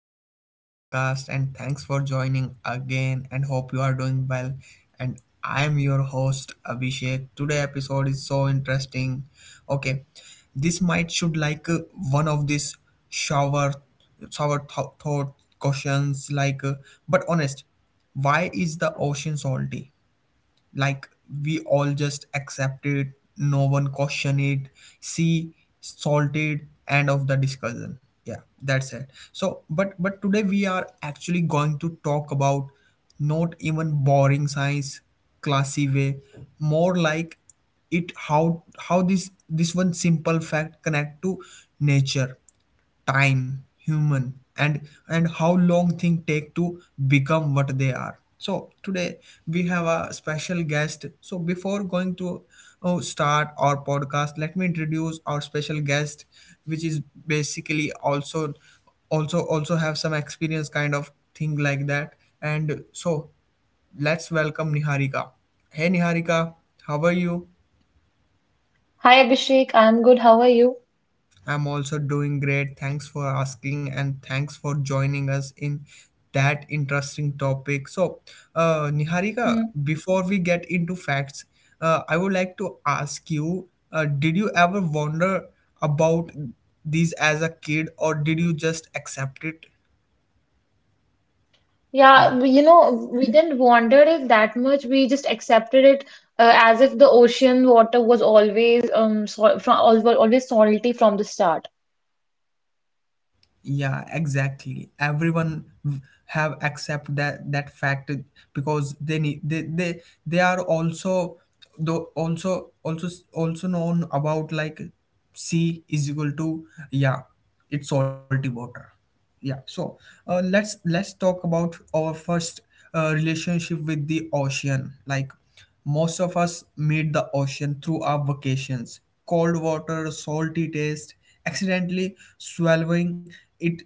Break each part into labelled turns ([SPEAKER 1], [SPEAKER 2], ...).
[SPEAKER 1] Back to our podcast, and thanks for joining again, and hope you are doing well. And I am your host, Abhishek. Today episode is so interesting. Okay, this might should like one of these shower shower thought questions like but honest, why is the ocean salty? Like we all just accept it, no one question it, see, salted end of the discussion, yeah, that's it. So but today we are actually going to talk about not even boring science classy way, more like it, how this one simple fact connect to nature, time, human, and how long things take to become what they are. So today we have a special guest, so before going to start our podcast, let me introduce our special guest, which is basically also have some experience, kind of thing like that. And so let's welcome Niharika. Hey, Niharika, how are you?
[SPEAKER 2] Hi Abhishek, I'm good. How are you?
[SPEAKER 1] I'm also doing great. Thanks for asking, and thanks for joining us in that interesting topic. So, Niharika,
[SPEAKER 2] Hmm.
[SPEAKER 1] before we get into facts, I would like to ask you, did you ever wonder about these as a kid, or did you just accept it? Yeah.
[SPEAKER 2] Yeah, we didn't wonder it that much. We just accepted it as if the ocean water was always so from always salty from the start.
[SPEAKER 1] Yeah, exactly, everyone have accept that fact because they need they are also, though also also also known about like C is equal to, yeah, it's salty water, yeah. So let's talk about our first relationship with the ocean. Like most of us meet the ocean through our vacations. Cold water, salty taste, accidentally swallowing it,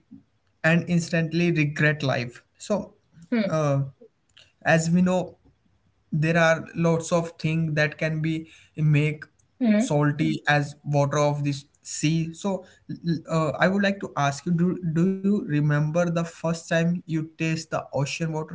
[SPEAKER 1] and instantly regret life. So,
[SPEAKER 2] Hmm.
[SPEAKER 1] uh, as we know, there are lots of things that can be make
[SPEAKER 2] Hmm.
[SPEAKER 1] salty as water of this sea. So, I would like to ask you: do you remember the first time you taste the ocean water?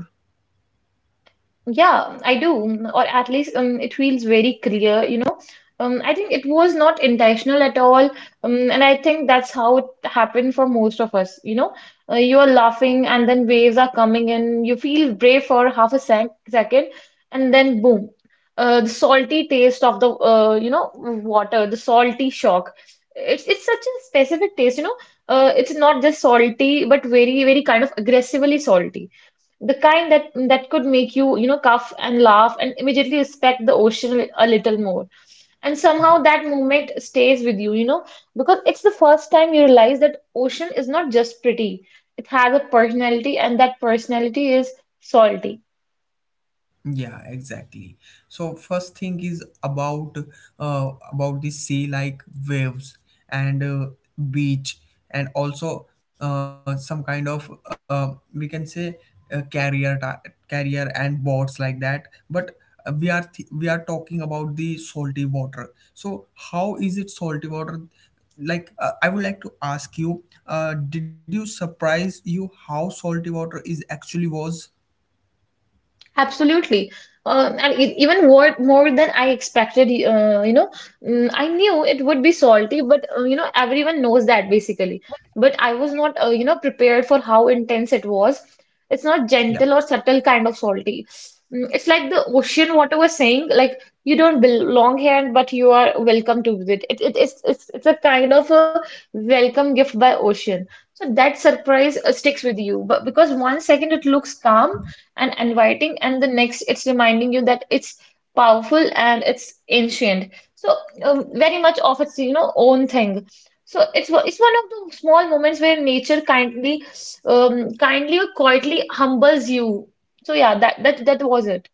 [SPEAKER 2] Yeah, I do, or at least it feels very clear. I think it was not intentional at all, and I think that's how it happened for most of us, you know. You are laughing, and then waves are coming in. You feel brave for half a second, and then boom, the salty taste of the water, the salty shock. It's such a specific taste. It's not just salty, but very very kind of aggressively salty, the kind that could make you you know cough and laugh and immediately respect the ocean a little more. And somehow
[SPEAKER 1] Yeah.
[SPEAKER 2] that moment stays with you you know because it's the first time you realize that ocean is not just pretty. It has a personality, and that personality is salty.
[SPEAKER 1] Yeah, exactly. So first thing is about the sea, like waves, and beach, and also some kind of we can say uh, carrier ta- carrier and boats, like that. But we are we are talking about the salty water. So how is it salty water? Like I would like to ask you, did you surprise you how salty water is actually was?
[SPEAKER 2] Absolutely. And even more than I expected. I knew it would be salty, but everyone knows that basically. But I was not, prepared for how intense it was. It's not
[SPEAKER 1] Yeah,
[SPEAKER 2] gentle or subtle kind of salty. It's like the ocean water was saying, like you don't belong here, but you are welcome to visit. It's a kind of a welcome gift by ocean. So that surprise sticks with you, but because one second it looks calm and inviting, and the next it's reminding you that it's powerful and it's ancient. So very much of its own thing. So it's one of the small moments where nature kindly, kindly or quietly humbles you. So yeah, that was it.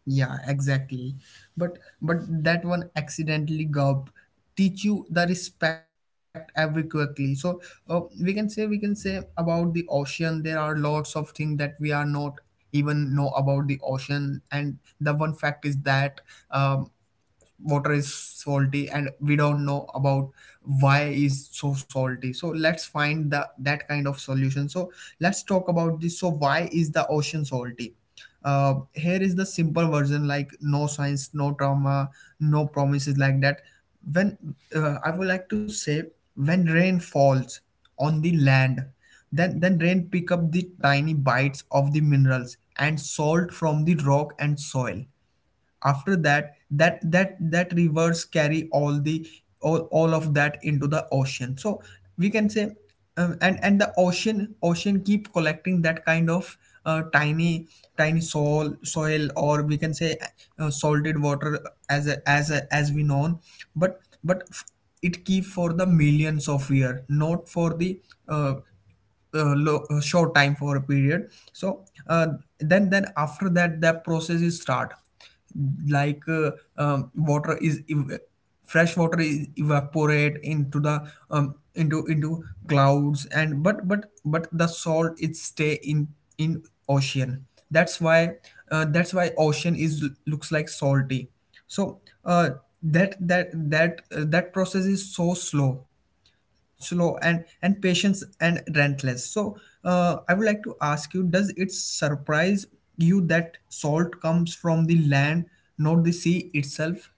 [SPEAKER 1] yeah, exactly. But that one accidentally gob teach you the respect every quickly. So we can say about the ocean. There are lots of things that we are not even know about the ocean. And the one fact is that um, water is salty and we don't know about why is so salty. So let's find the that kind of solution. So let's talk about this. So why is the ocean salty? Here is the simple version, like no science, no trauma, no promises, like that. When I would like to say, when rain falls on the land, then rain pick up the tiny bites of the minerals and salt from the rock and soil. After that rivers carry all the all of that into the ocean. So we can say, and the ocean keep collecting that kind of tiny soil, or we can say salted water, as we know. But it keep for the millions of year, not for the uh, short time for a period. So then after that, that process is start, like um, water is ev- fresh water is evaporate into the into clouds, and but the salt it stay in in ocean. That's why, that's why ocean is looks like salty. So that process is so slow, and patience and relentless. So I would like to ask you, does it surprise you that salt comes from the land, not the sea itself?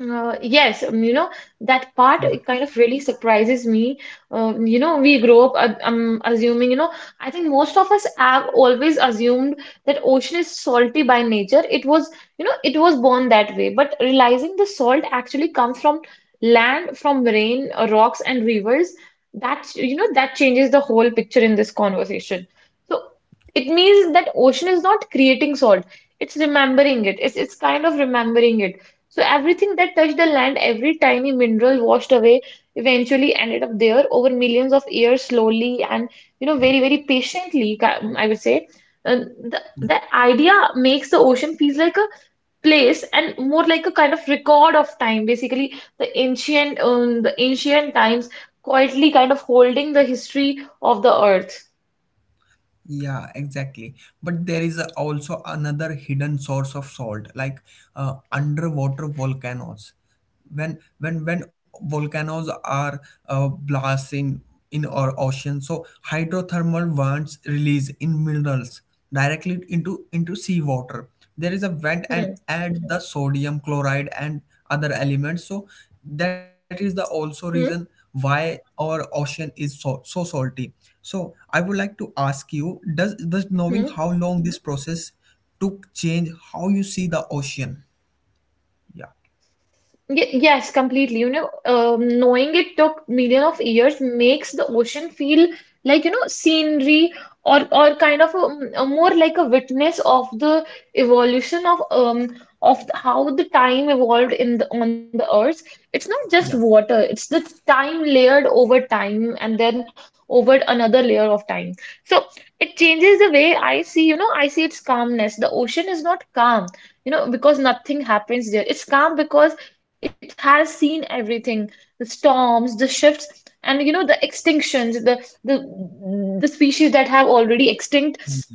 [SPEAKER 2] Yes, that part
[SPEAKER 1] Yeah.
[SPEAKER 2] it kind of really surprises me. We grow up assuming. I think most of us have always assumed that ocean is salty by nature. It was born that way. But realizing the salt actually comes from land, from rain, rocks, and rivers, that changes the whole picture in this conversation. So it means that ocean is not creating salt. It's remembering it. It's kind of remembering it, so everything that touched the land, every tiny mineral washed away, eventually ended up there over millions of years, slowly and very very patiently, I would say. And the idea makes the ocean feels like a place and more like a kind of record of time. Basically, the ancient times quietly kind of holding the history of the earth.
[SPEAKER 1] Yeah, exactly. But there is also another hidden source of salt, like underwater volcanoes. When when volcanoes are blasting in our ocean, so hydrothermal vents release in minerals directly into seawater. There is a vent and
[SPEAKER 2] Hmm.
[SPEAKER 1] add the sodium chloride and other elements. So that is the also reason
[SPEAKER 2] Hmm.
[SPEAKER 1] why our ocean is so, so salty. So I would like to ask you, does knowing
[SPEAKER 2] Hmm.
[SPEAKER 1] how long this process took change how you see the ocean? Yeah,
[SPEAKER 2] Yes, completely. Knowing it took million of years makes the ocean feel like, scenery, or kind of a more like a witness of the evolution of how the time evolved in the on the earth. It's not just
[SPEAKER 1] yeah,
[SPEAKER 2] water, it's the time layered over time and then over another layer of time. So it changes the way I see its calmness. The ocean is not calm because nothing happens there. It's calm because it has seen everything, the storms, the shifts, and the extinctions, the species that have already extinct,
[SPEAKER 1] yeah,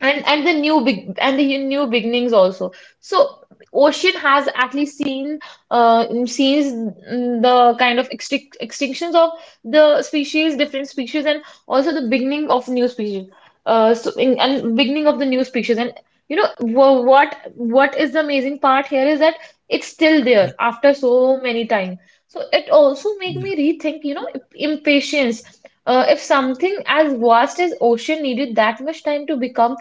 [SPEAKER 2] and the new big and the new beginnings also. So ocean has actually seen sees the kind of extinctions of the species different species, and also the beginning of new species. So and beginning of the new species, and what is the amazing part here is that it's still there
[SPEAKER 1] yeah,
[SPEAKER 2] after so many time. So it also
[SPEAKER 1] yeah,
[SPEAKER 2] make me rethink impatience. If something as vast as ocean needed that much time to become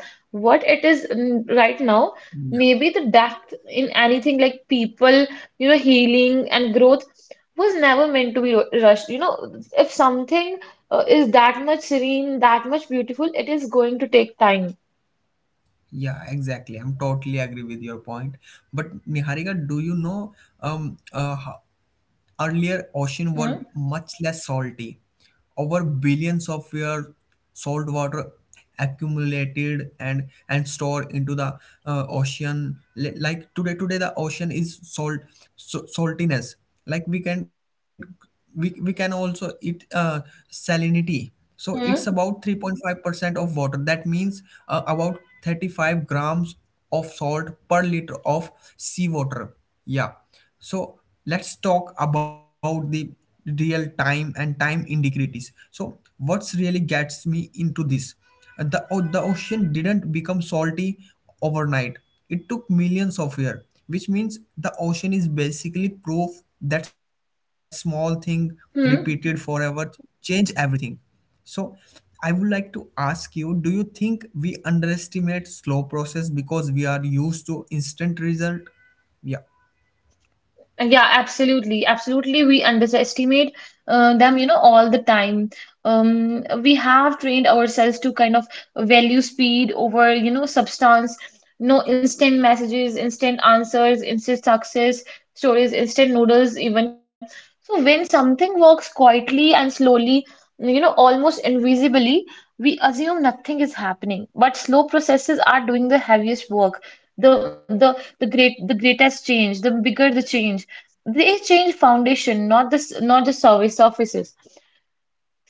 [SPEAKER 2] what it is right now,
[SPEAKER 1] yeah.
[SPEAKER 2] maybe the depth in anything like people, healing and growth was never meant to be rushed. If something is that much serene, that much beautiful, it is going to take time.
[SPEAKER 1] Yeah, exactly. I'm totally agree with your point. But Niharika, do you know, um uh, earlier, ocean
[SPEAKER 2] Hmm.
[SPEAKER 1] were much less salty. Over billions of years, salt water accumulated and stored into the ocean. Like today, today the ocean is salt, so saltiness. Like we can, we can also eat salinity. So it's about
[SPEAKER 2] Hmm.
[SPEAKER 1] 3.5% of water. That means about 35 grams of salt per liter of seawater. Yeah. So let's talk about the real time and time integrities. So what's really gets me into this? The, the ocean didn't become salty overnight. It took millions of years, which means the ocean is basically proof that small thing repeated forever
[SPEAKER 2] Hmm.
[SPEAKER 1] change everything. So I would like to ask you, do you think we underestimate slow process because we are used to instant result? Yeah.
[SPEAKER 2] Yeah, absolutely. Absolutely. We underestimate them, all the time. We have trained ourselves to kind of value speed over, substance. No instant messages, instant answers, instant success stories, instant noodles, even. So when something works quietly and slowly, almost invisibly, we assume nothing is happening. But slow processes are doing the heaviest work. The greatest change, the bigger the change, they change foundation, not the service offices.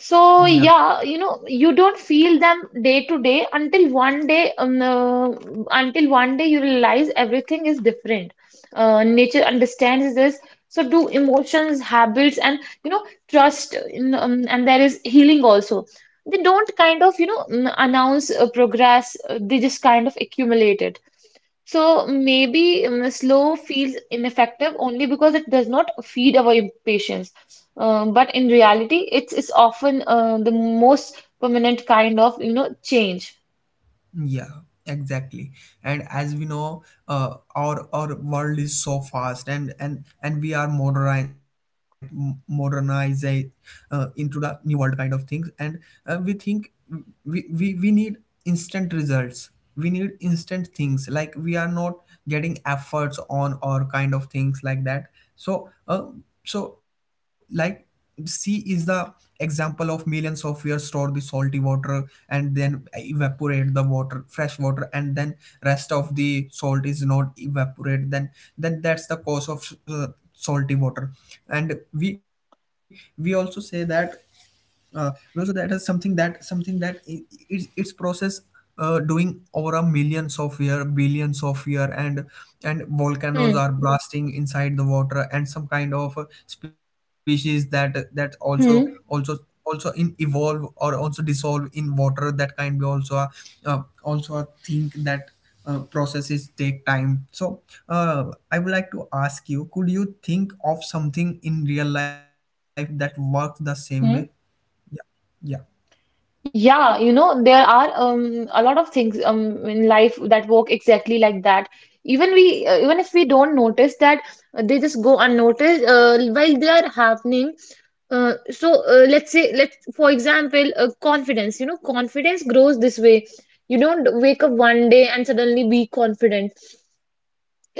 [SPEAKER 2] So
[SPEAKER 1] Yeah.
[SPEAKER 2] yeah, you don't feel them day to day until one day you realize everything is different. Nature understands this, so do emotions, habits, and you know trust in, and there is healing also. They don't kind of announce progress. They just kind of accumulate it. So maybe slow feels ineffective only because it does not feed our impatience. But in reality, it's often the most permanent kind of, change.
[SPEAKER 1] Yeah, exactly. And as we know, our world is so fast, and and we are modernize, modernized into the new world, kind of things. And we think we need instant results. We need instant things. Like we are not getting efforts on, or kind of things like that. So so like sea is the example of millions of years store the salty water, and then evaporate the water, fresh water, and then rest of the salt is not evaporate, then that's the cause of salty water. And we also say that uh, well, so that is something that it's process doing over a millions of year, billions of year. And volcanoes
[SPEAKER 2] Hmm.
[SPEAKER 1] are blasting inside the water, and some kind of species that that also also
[SPEAKER 2] Hmm.
[SPEAKER 1] also in evolve, or also dissolve in water, that can be also a, also a thing that processes take time. So I would like to ask you, could you think of something in real life that works the same way?
[SPEAKER 2] Hmm.
[SPEAKER 1] yeah
[SPEAKER 2] Yeah, there are a lot of things in life that work exactly like that. Even we, even if we don't notice that, they just go unnoticed while they are happening. So let's say, let's for example, confidence. Confidence grows this way. You don't wake up one day and suddenly be confident.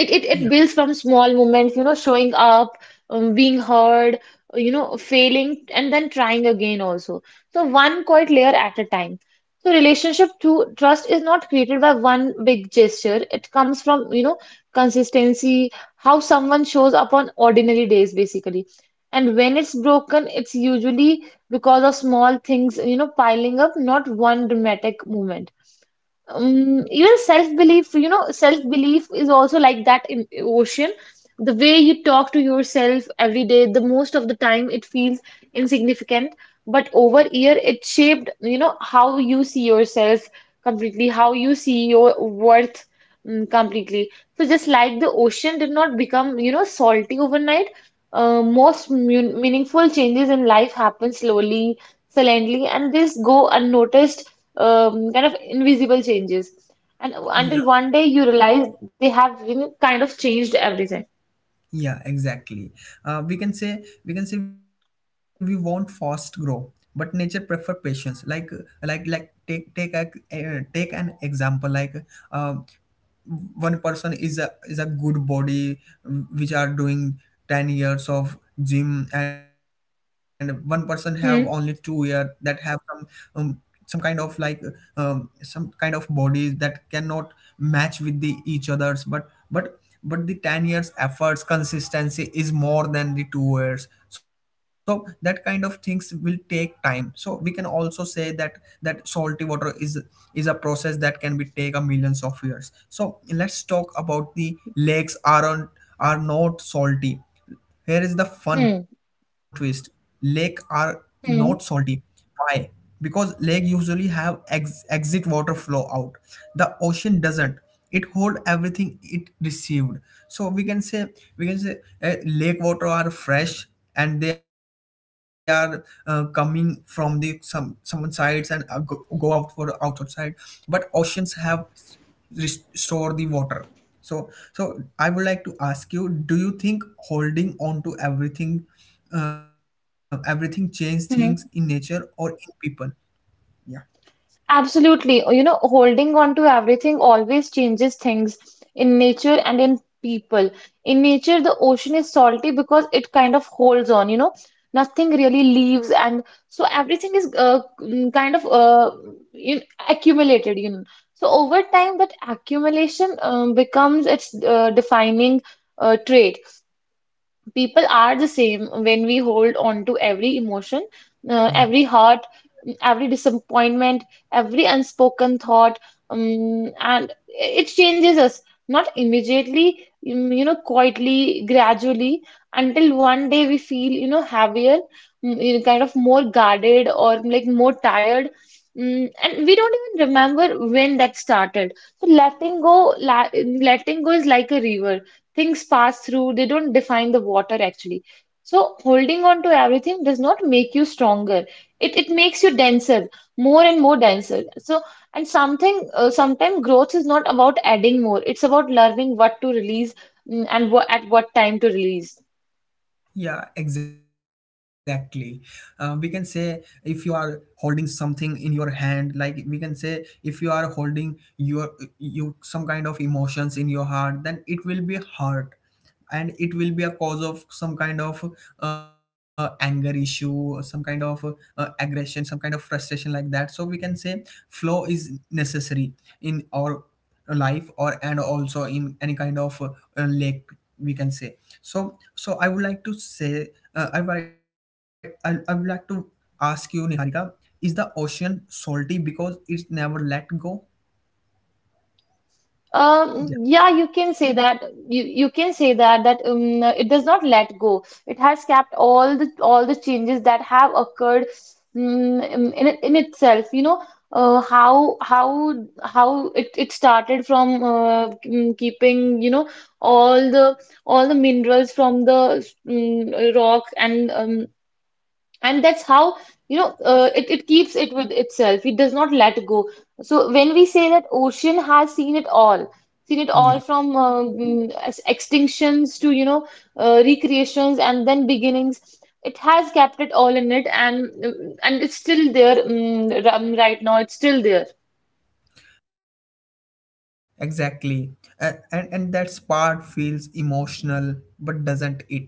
[SPEAKER 2] It
[SPEAKER 1] yeah
[SPEAKER 2] builds from small moments, showing up, being heard, failing and then trying again also. So one quiet layer at a time. So relationship to trust is not created by one big gesture, it comes from consistency, how someone shows up on ordinary days basically. And when it's broken it's usually because of small things, piling up, not one dramatic moment. Even self-belief, so, self-belief is also like that in ocean. The way you talk to yourself every day, the most of the time it feels insignificant, but over year it shaped, how you see yourself completely, how you see your worth completely. So just like the ocean did not become, salty overnight, most meaningful changes in life happen slowly, silently, and this go unnoticed, kind of invisible changes. And until
[SPEAKER 1] yeah
[SPEAKER 2] one day you realize they have, kind of changed everything.
[SPEAKER 1] yeah, exactly. We can say we want fast grow, but nature prefer patience. Like take take a take an example like uh, one person is a, is a good body, which are doing 10 years of gym, and one person have only 2 year
[SPEAKER 2] Hmm.
[SPEAKER 1] that have um, some kind of, like, some kind of bodies that cannot match with the each others. But but the 10 years efforts consistency is more than the 2 years. So that kind of things will take time. So we can also say that salty water is a process that can be take a millions of years. So let's talk about the lakes aren't, are not salty. Here is the fun
[SPEAKER 2] Hmm.
[SPEAKER 1] twist. Lake are not salty.
[SPEAKER 2] Hmm.
[SPEAKER 1] Why? Because lake usually have exit water flow out. The ocean doesn't. It hold everything it received. So we can say, lake water are fresh, and they are coming from the some, someone sides, and go, go out for outside. But oceans have restore the water. So I would like to ask you, do you think holding on to everything, everything change things in nature or
[SPEAKER 2] Mhm.
[SPEAKER 1] in people? Yeah.
[SPEAKER 2] Absolutely. Holding on to everything always changes things in nature and in people. In nature, the ocean is salty because it kind of holds on, nothing really leaves. And so everything is kind of you accumulated, So over time, that accumulation becomes its defining trait. People are the same when we hold on to every emotion,
[SPEAKER 1] Yeah.
[SPEAKER 2] every heart, every disappointment, every unspoken thought, and it changes us, not immediately, quietly, gradually, until one day we feel, heavier, kind of more guarded or like more tired. And we don't even remember when that started. So letting go, la letting go is like a river. Things pass through, they don't define the water, actually. So holding on to everything does not make you stronger, it makes you denser, more and more denser. So and something sometimes growth is not about adding more, it's about learning what to release, and at what time to release.
[SPEAKER 1] Yeah, exactly. We can say if you are holding something in your hand, like we can say if you are holding your, you, some kind of emotions in your heart, then it will be hurt, and it will be a cause of some kind of anger issue, some kind of aggression, some kind of frustration, like that. So we can say flow is necessary in our life or and also in any kind of lake we can say so I would like to say I would like to ask you Niharika, is the ocean salty because it's never let go?
[SPEAKER 2] Um,
[SPEAKER 1] Yeah,
[SPEAKER 2] yeah, you can say that. You can say that that it does not let go. It has kept all the changes that have occurred, um, in itself. Uh, how how how it started from keeping, all the all the minerals from the rock, and and that's how it keeps it with itself, it does not let go. So when we say that ocean has seen it all, seen it all
[SPEAKER 1] yeah,
[SPEAKER 2] from extinctions to recreations and then beginnings, it has kept it all in it. And it's still there, right now it's still there.
[SPEAKER 1] exactly. And that part feels emotional, but doesn't it?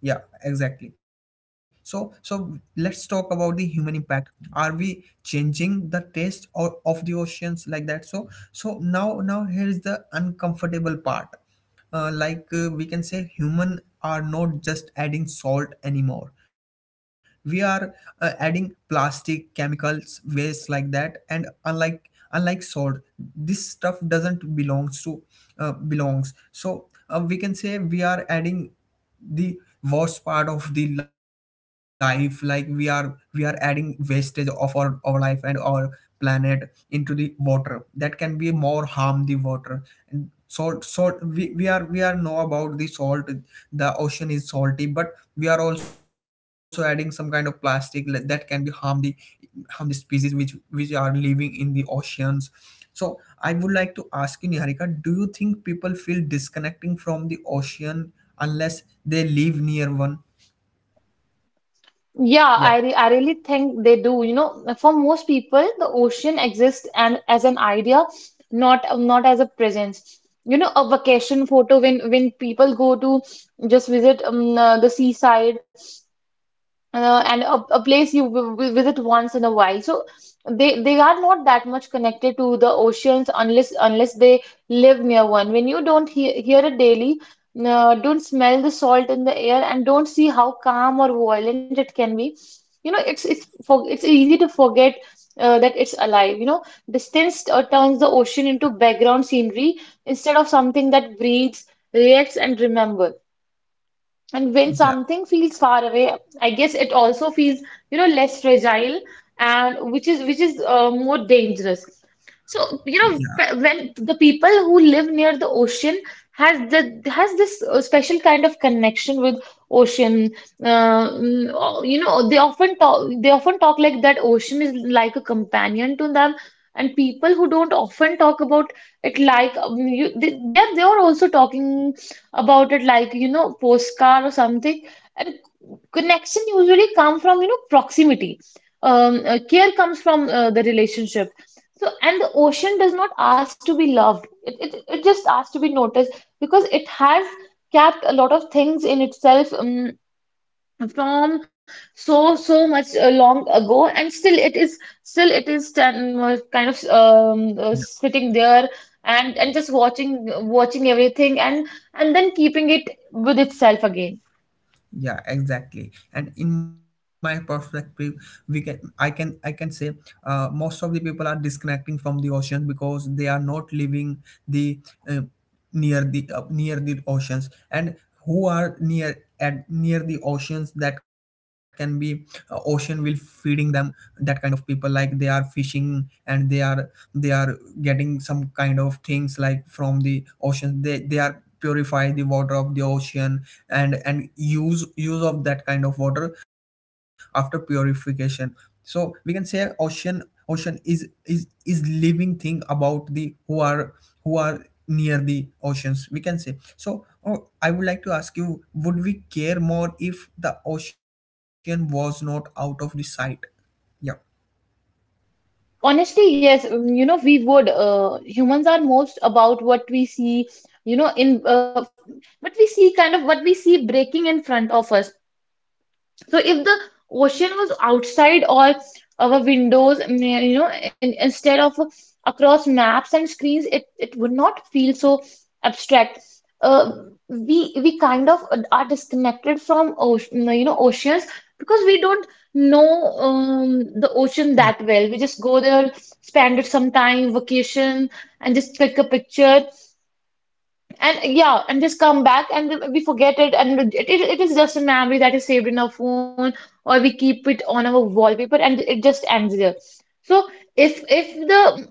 [SPEAKER 1] Yeah, exactly. So let's talk about the human impact. Are we changing the taste or of the oceans like that? So now here is the uncomfortable part. Like, we can say human are not just adding salt anymore. We are adding plastic, chemicals, waste like that. And unlike salt, this stuff doesn't belongs to belongs so we can say we are adding the worst part of the life. Like we are adding wastage of our life and our planet into the water that can be more harm the water. And salt, we are know about the salt. The ocean is salty, but we are also adding some kind of plastic that can be harm the species which are living in the oceans. So I would like to ask you, Niharika, do you think people feel disconnecting from the ocean unless they live near one? Yeah,
[SPEAKER 2] Yeah, I really think they do. For most people, the ocean exists and as an idea, not as a presence. A vacation photo, when people go to just visit the seaside, and a place you visit once in a while. So they are not that much connected to the oceans unless they live near one. When you don't hear it daily, don't smell the salt in the air, and don't see how calm or violent it can be. You know, it's easy to forget that it's alive. You know, distance turns the ocean into background scenery instead of something that breathes, reacts, and remembers. And when
[SPEAKER 1] yeah,
[SPEAKER 2] something feels far away, I guess it also feels, you know, less fragile and which is more dangerous. So, you know,
[SPEAKER 1] yeah,
[SPEAKER 2] when the people who live near the ocean has this special kind of connection with ocean. You know, they often talk like that ocean is like a companion to them. And people who don't often talk about it like they're also talking about it, like, you know, postcard or something. And connection usually come from, you know, proximity. Care comes from the relationship. So, and the ocean does not ask to be loved. It just asks to be noticed because it has kept a lot of things in itself. From so much long ago and still it is kind of sitting there and just watching everything and then keeping it with itself again.
[SPEAKER 1] yeah, exactly. And in my perspective, we can I can I can say most of the people are disconnecting from the oceans because they are not living the uh, near the oceans. And who are near at near the oceans, that can be ocean will feeding them. That kind of people, like, they are fishing and they are getting some kind of things like from the ocean. They are purify the water of the ocean and use of that kind of water after purification. So we can say ocean is living thing about the who are near the oceans, we can say. So oh, I would like to ask you, would we care more if the ocean was not out of the sight? Yeah,
[SPEAKER 2] Honestly yes, you know we would, humans are most about what we see, you know in what we see kind of what we see breaking front of us. So if the ocean was outside or our windows, you know, instead of across maps and screens, it would not feel so abstract. Uh, we kind of are disconnected from ocean, you know, oceans because we don't know the ocean
[SPEAKER 1] yeah,
[SPEAKER 2] that well. We just go there, spend it some time, vacation, and just click a picture. And yeah, and just come back and we forget it, and it is just a memory that is saved in our phone, or we keep it on our wallpaper, and it just ends there. So if if the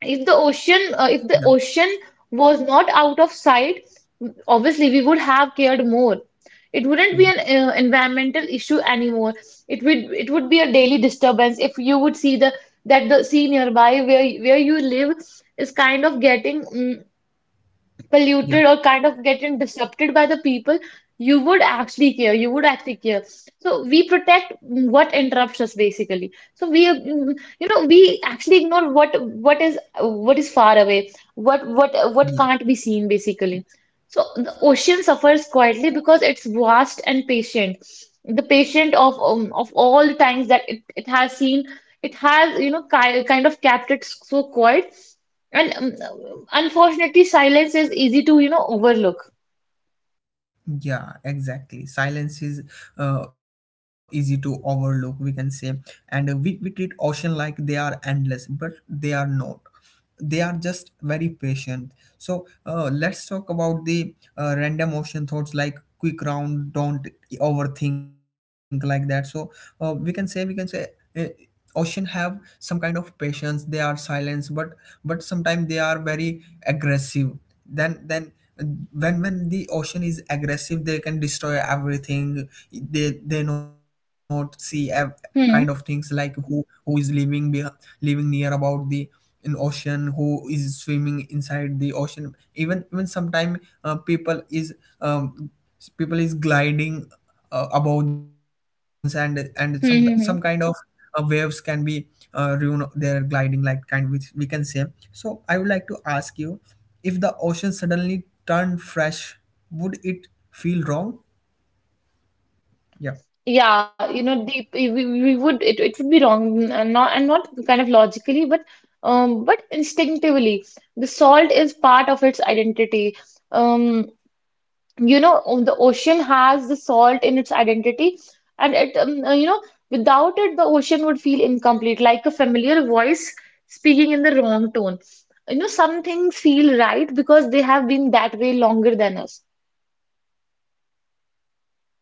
[SPEAKER 2] if the ocean
[SPEAKER 1] yeah,
[SPEAKER 2] was not out of sight, obviously we would have cared more. It wouldn't be an environmental issue anymore. It would be a daily disturbance if you would see the that the sea nearby where you live is kind of getting
[SPEAKER 1] yeah,
[SPEAKER 2] polluted or kind of getting disrupted by the people, you would actually care. You would actually care. So we protect what interrupts us basically. So we, you know, we actually ignore what is far away, what
[SPEAKER 1] yeah.
[SPEAKER 2] can't be seen basically. So the ocean suffers quietly because it's vast and patient. The patient of all the times that it has seen, it has you know ki kind of kept it so quiet and unfortunately, silence is easy to, you know, overlook.
[SPEAKER 1] Yeah, exactly. Silence is easy to overlook, we can say. And we treat ocean like they are endless, but they are not. They are just very patient. So let's talk about the random ocean thoughts, like quick round, don't overthink like that. So we can say, Uh, ocean have some kind of patience. They are silent, but sometimes they are very aggressive. Then when the ocean is aggressive, they can destroy everything. They not see kind of things
[SPEAKER 2] Hmm.
[SPEAKER 1] like who is living living near about the in ocean, who is swimming inside the ocean. Even sometimes uh, people is um, people is gliding above the oceans. And some
[SPEAKER 2] Hmm.
[SPEAKER 1] kind
[SPEAKER 2] Hmm,
[SPEAKER 1] of
[SPEAKER 2] hmm.
[SPEAKER 1] waves can be ruin their gliding, like kind of, which we can say. So I would like to ask you, if the ocean suddenly turned fresh, would it feel wrong? Yeah.
[SPEAKER 2] Yeah, you know, we would, it would be wrong, and not kind of logically, but instinctively, the salt is part of its identity. Um, you know the ocean has the salt in its identity and it you know without it the ocean would feel incomplete like a familiar voice speaking in the wrong tone. You know some things feel right because they have been that way longer than us.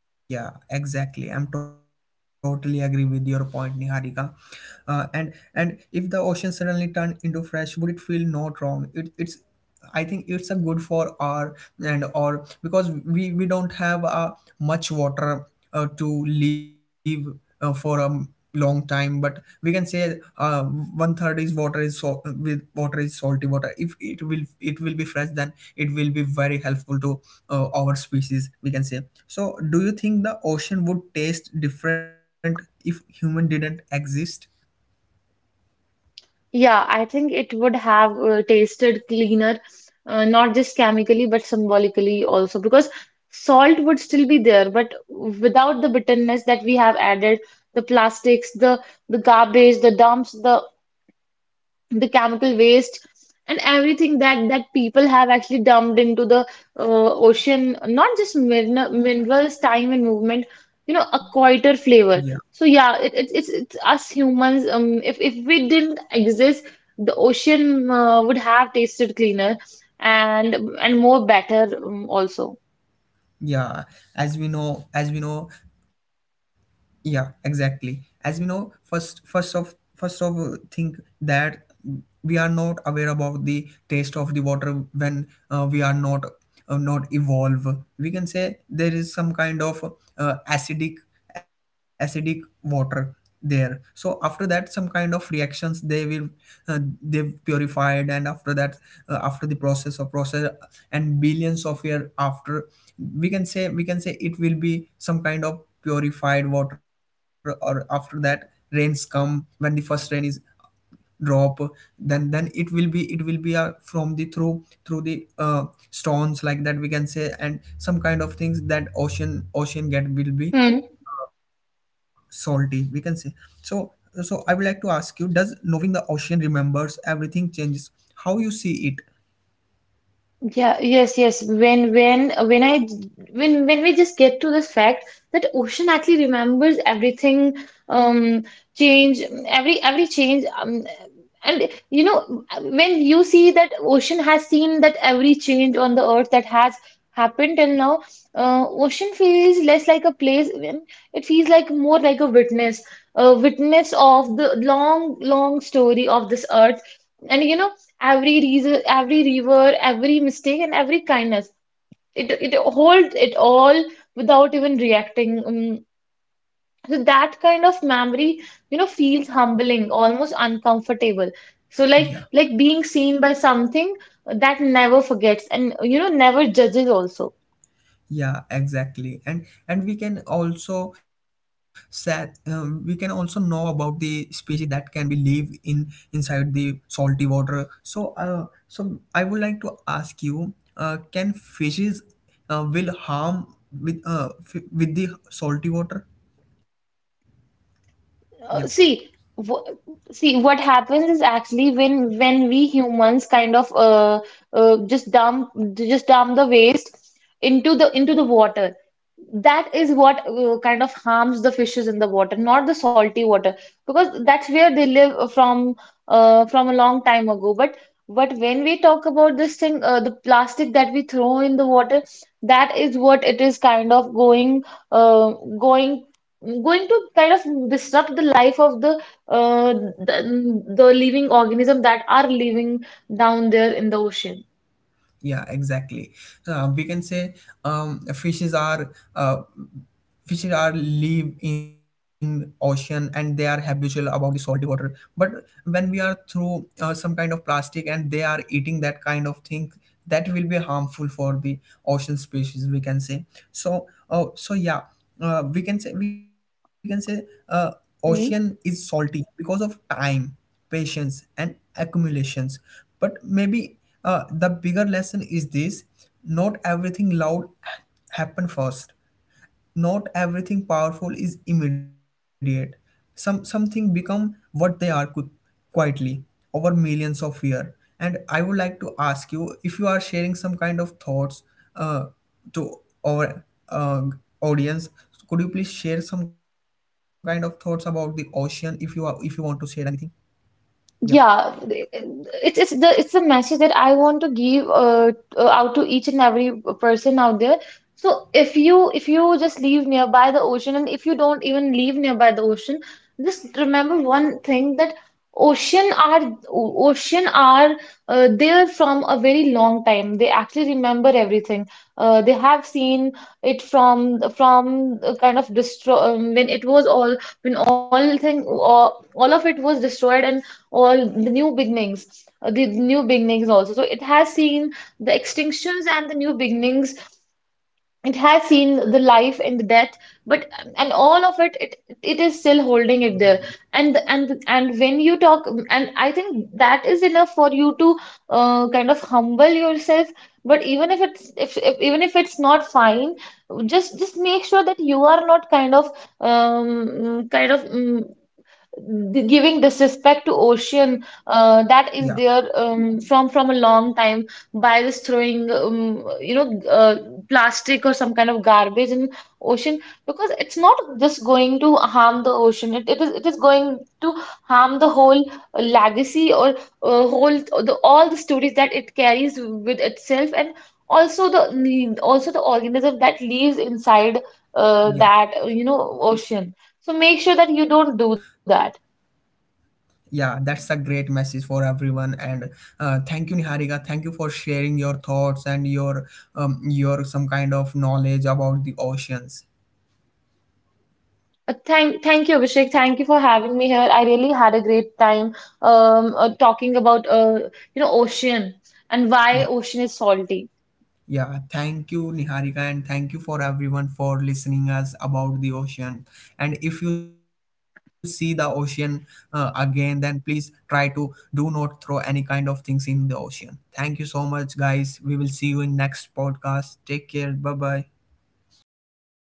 [SPEAKER 1] Yeah, exactly. I'm totally agree with your point, Niharika. And if the ocean suddenly turned into fresh, would it feel not wrong? It's, I think it's a good for our and or because we don't have much water to leave for long time. But we can say one third is water is so with water is salty water. If it will it will be fresh, then it will be very helpful to our species, we can say. So do you think the ocean would taste different if human didn't exist?
[SPEAKER 2] Yeah, I think it would have tasted cleaner, not just chemically but symbolically also, because salt would still be there but without the bitterness that we have added: the plastics, the garbage, the dumps the chemical waste, and everything that that people have actually dumped into the ocean. Not just minerals, time and movement, you know, a
[SPEAKER 1] Yeah,
[SPEAKER 2] quieter flavor. So yeah, it's us humans. If we didn't exist the ocean would have tasted cleaner and and more better also.
[SPEAKER 1] yeah, as we know, as we know, yeah, exactly. As we know, first of think that we are not aware about the taste of the water when we are not not evolve, we can say. There is some kind of uh, acidic acidic water there. So after that, some kind of reactions, they will uh, they've purified. And after that, after the process of process and billions of year after, we can say, we can say it will be some kind of purified water. Or after that, rains come. When the first rain is drop, then it will be, it will be from the through through the stones like that, we can say. And some kind of things that ocean get will be
[SPEAKER 2] Hmm.
[SPEAKER 1] salty, we can say. So so I would like to ask you, does knowing the ocean remembers everything changes how you see it?
[SPEAKER 2] Yeah, yes, yes. When I when we just get to this fact that ocean actually remembers everything, um, change, every change, and you know when you see that ocean has seen that every change on the earth that has happened till now, ocean feels less like a place. When It feels like more like a witness of the long long story of this earth. And you know every reason, every river, every mistake, and every kindness. It holds it all without even reacting. So that kind of memory, you know, feels humbling, almost uncomfortable. So
[SPEAKER 1] Yeah,
[SPEAKER 2] like being seen by something that never forgets and you know never judges also.
[SPEAKER 1] yeah, exactly. And we can also set we can also know about the species that can be live in inside the salty water. So so I would like to ask you, can fishes will harm with with the salty water? Yeah,
[SPEAKER 2] See, wh see what happens is actually when we humans kind of uh just dump just dump the waste into the water. That is what kind of harms the fishes in the water, not the salty water, because that's where they live from a long time ago. But when we talk about this thing, the plastic that we throw in the water, that is what it is kind of going uh, going going to kind of disrupt the life of the uh, the living organism that are living down there in the ocean.
[SPEAKER 1] yeah, exactly. So, we can say um, fishes are uh, fishes are live in ocean, and they are habitual about the salty water. But when we are through some kind of plastic and they are eating that kind of thing, that will be harmful for the ocean species, we can say. So oh, so yeah, we can say uh, ocean is salty because of time, patience, and accumulations. But maybe the bigger lesson is this: not everything loud happen first, not everything powerful is immediate. Some something become what they are quietly over millions of years. And I would like to ask you if you are sharing some kind of thoughts uh, to our audience. Could you please share some kind of thoughts about the ocean, if you are, if you want to share anything? Yeah,
[SPEAKER 2] Yeah, it's the message that I want to give out to each and every person out there. So if you just live nearby the ocean, and if you don't even live nearby the ocean, just remember one thing that ocean are ocean are there from a very long time. They actually remember everything. They have seen it from kind of destroy when it was all when all of it was destroyed, and or the new beginnings also. So it has seen the extinctions and the new beginnings. It has seen the life and the death, but and all of it, it is still holding it there. And when you talk, and I think that is enough for you to kind of humble yourself. But even if it's if even if it's not fine, just make sure that you are not kind of um kind of um, giving disrespect to ocean
[SPEAKER 1] yeah,
[SPEAKER 2] that is there from a long time by just throwing you know uh, plastic or some kind of garbage in ocean, because it's not just going to harm the ocean, it is going to harm the whole legacy or whole the all the stories that it carries with itself, and also the organism that lives inside
[SPEAKER 1] yeah.
[SPEAKER 2] that you know ocean. So make sure that you don't do that.
[SPEAKER 1] Yeah, that's a great message for everyone. And thank you, Niharika. Thank you for sharing your thoughts and your some kind of knowledge about the oceans.
[SPEAKER 2] Thank you, Abhishek. Thank you for having me here. I really had a great time talking about you know ocean and why
[SPEAKER 1] Yeah,
[SPEAKER 2] ocean is salty.
[SPEAKER 1] yeah. Thank you, Niharika, and thank you for everyone for listening us about the ocean. And if you see the ocean again, then please try to do not throw any kind of things in the ocean. Thank you so much, guys. We will see you in next podcast. Take care. Bye bye.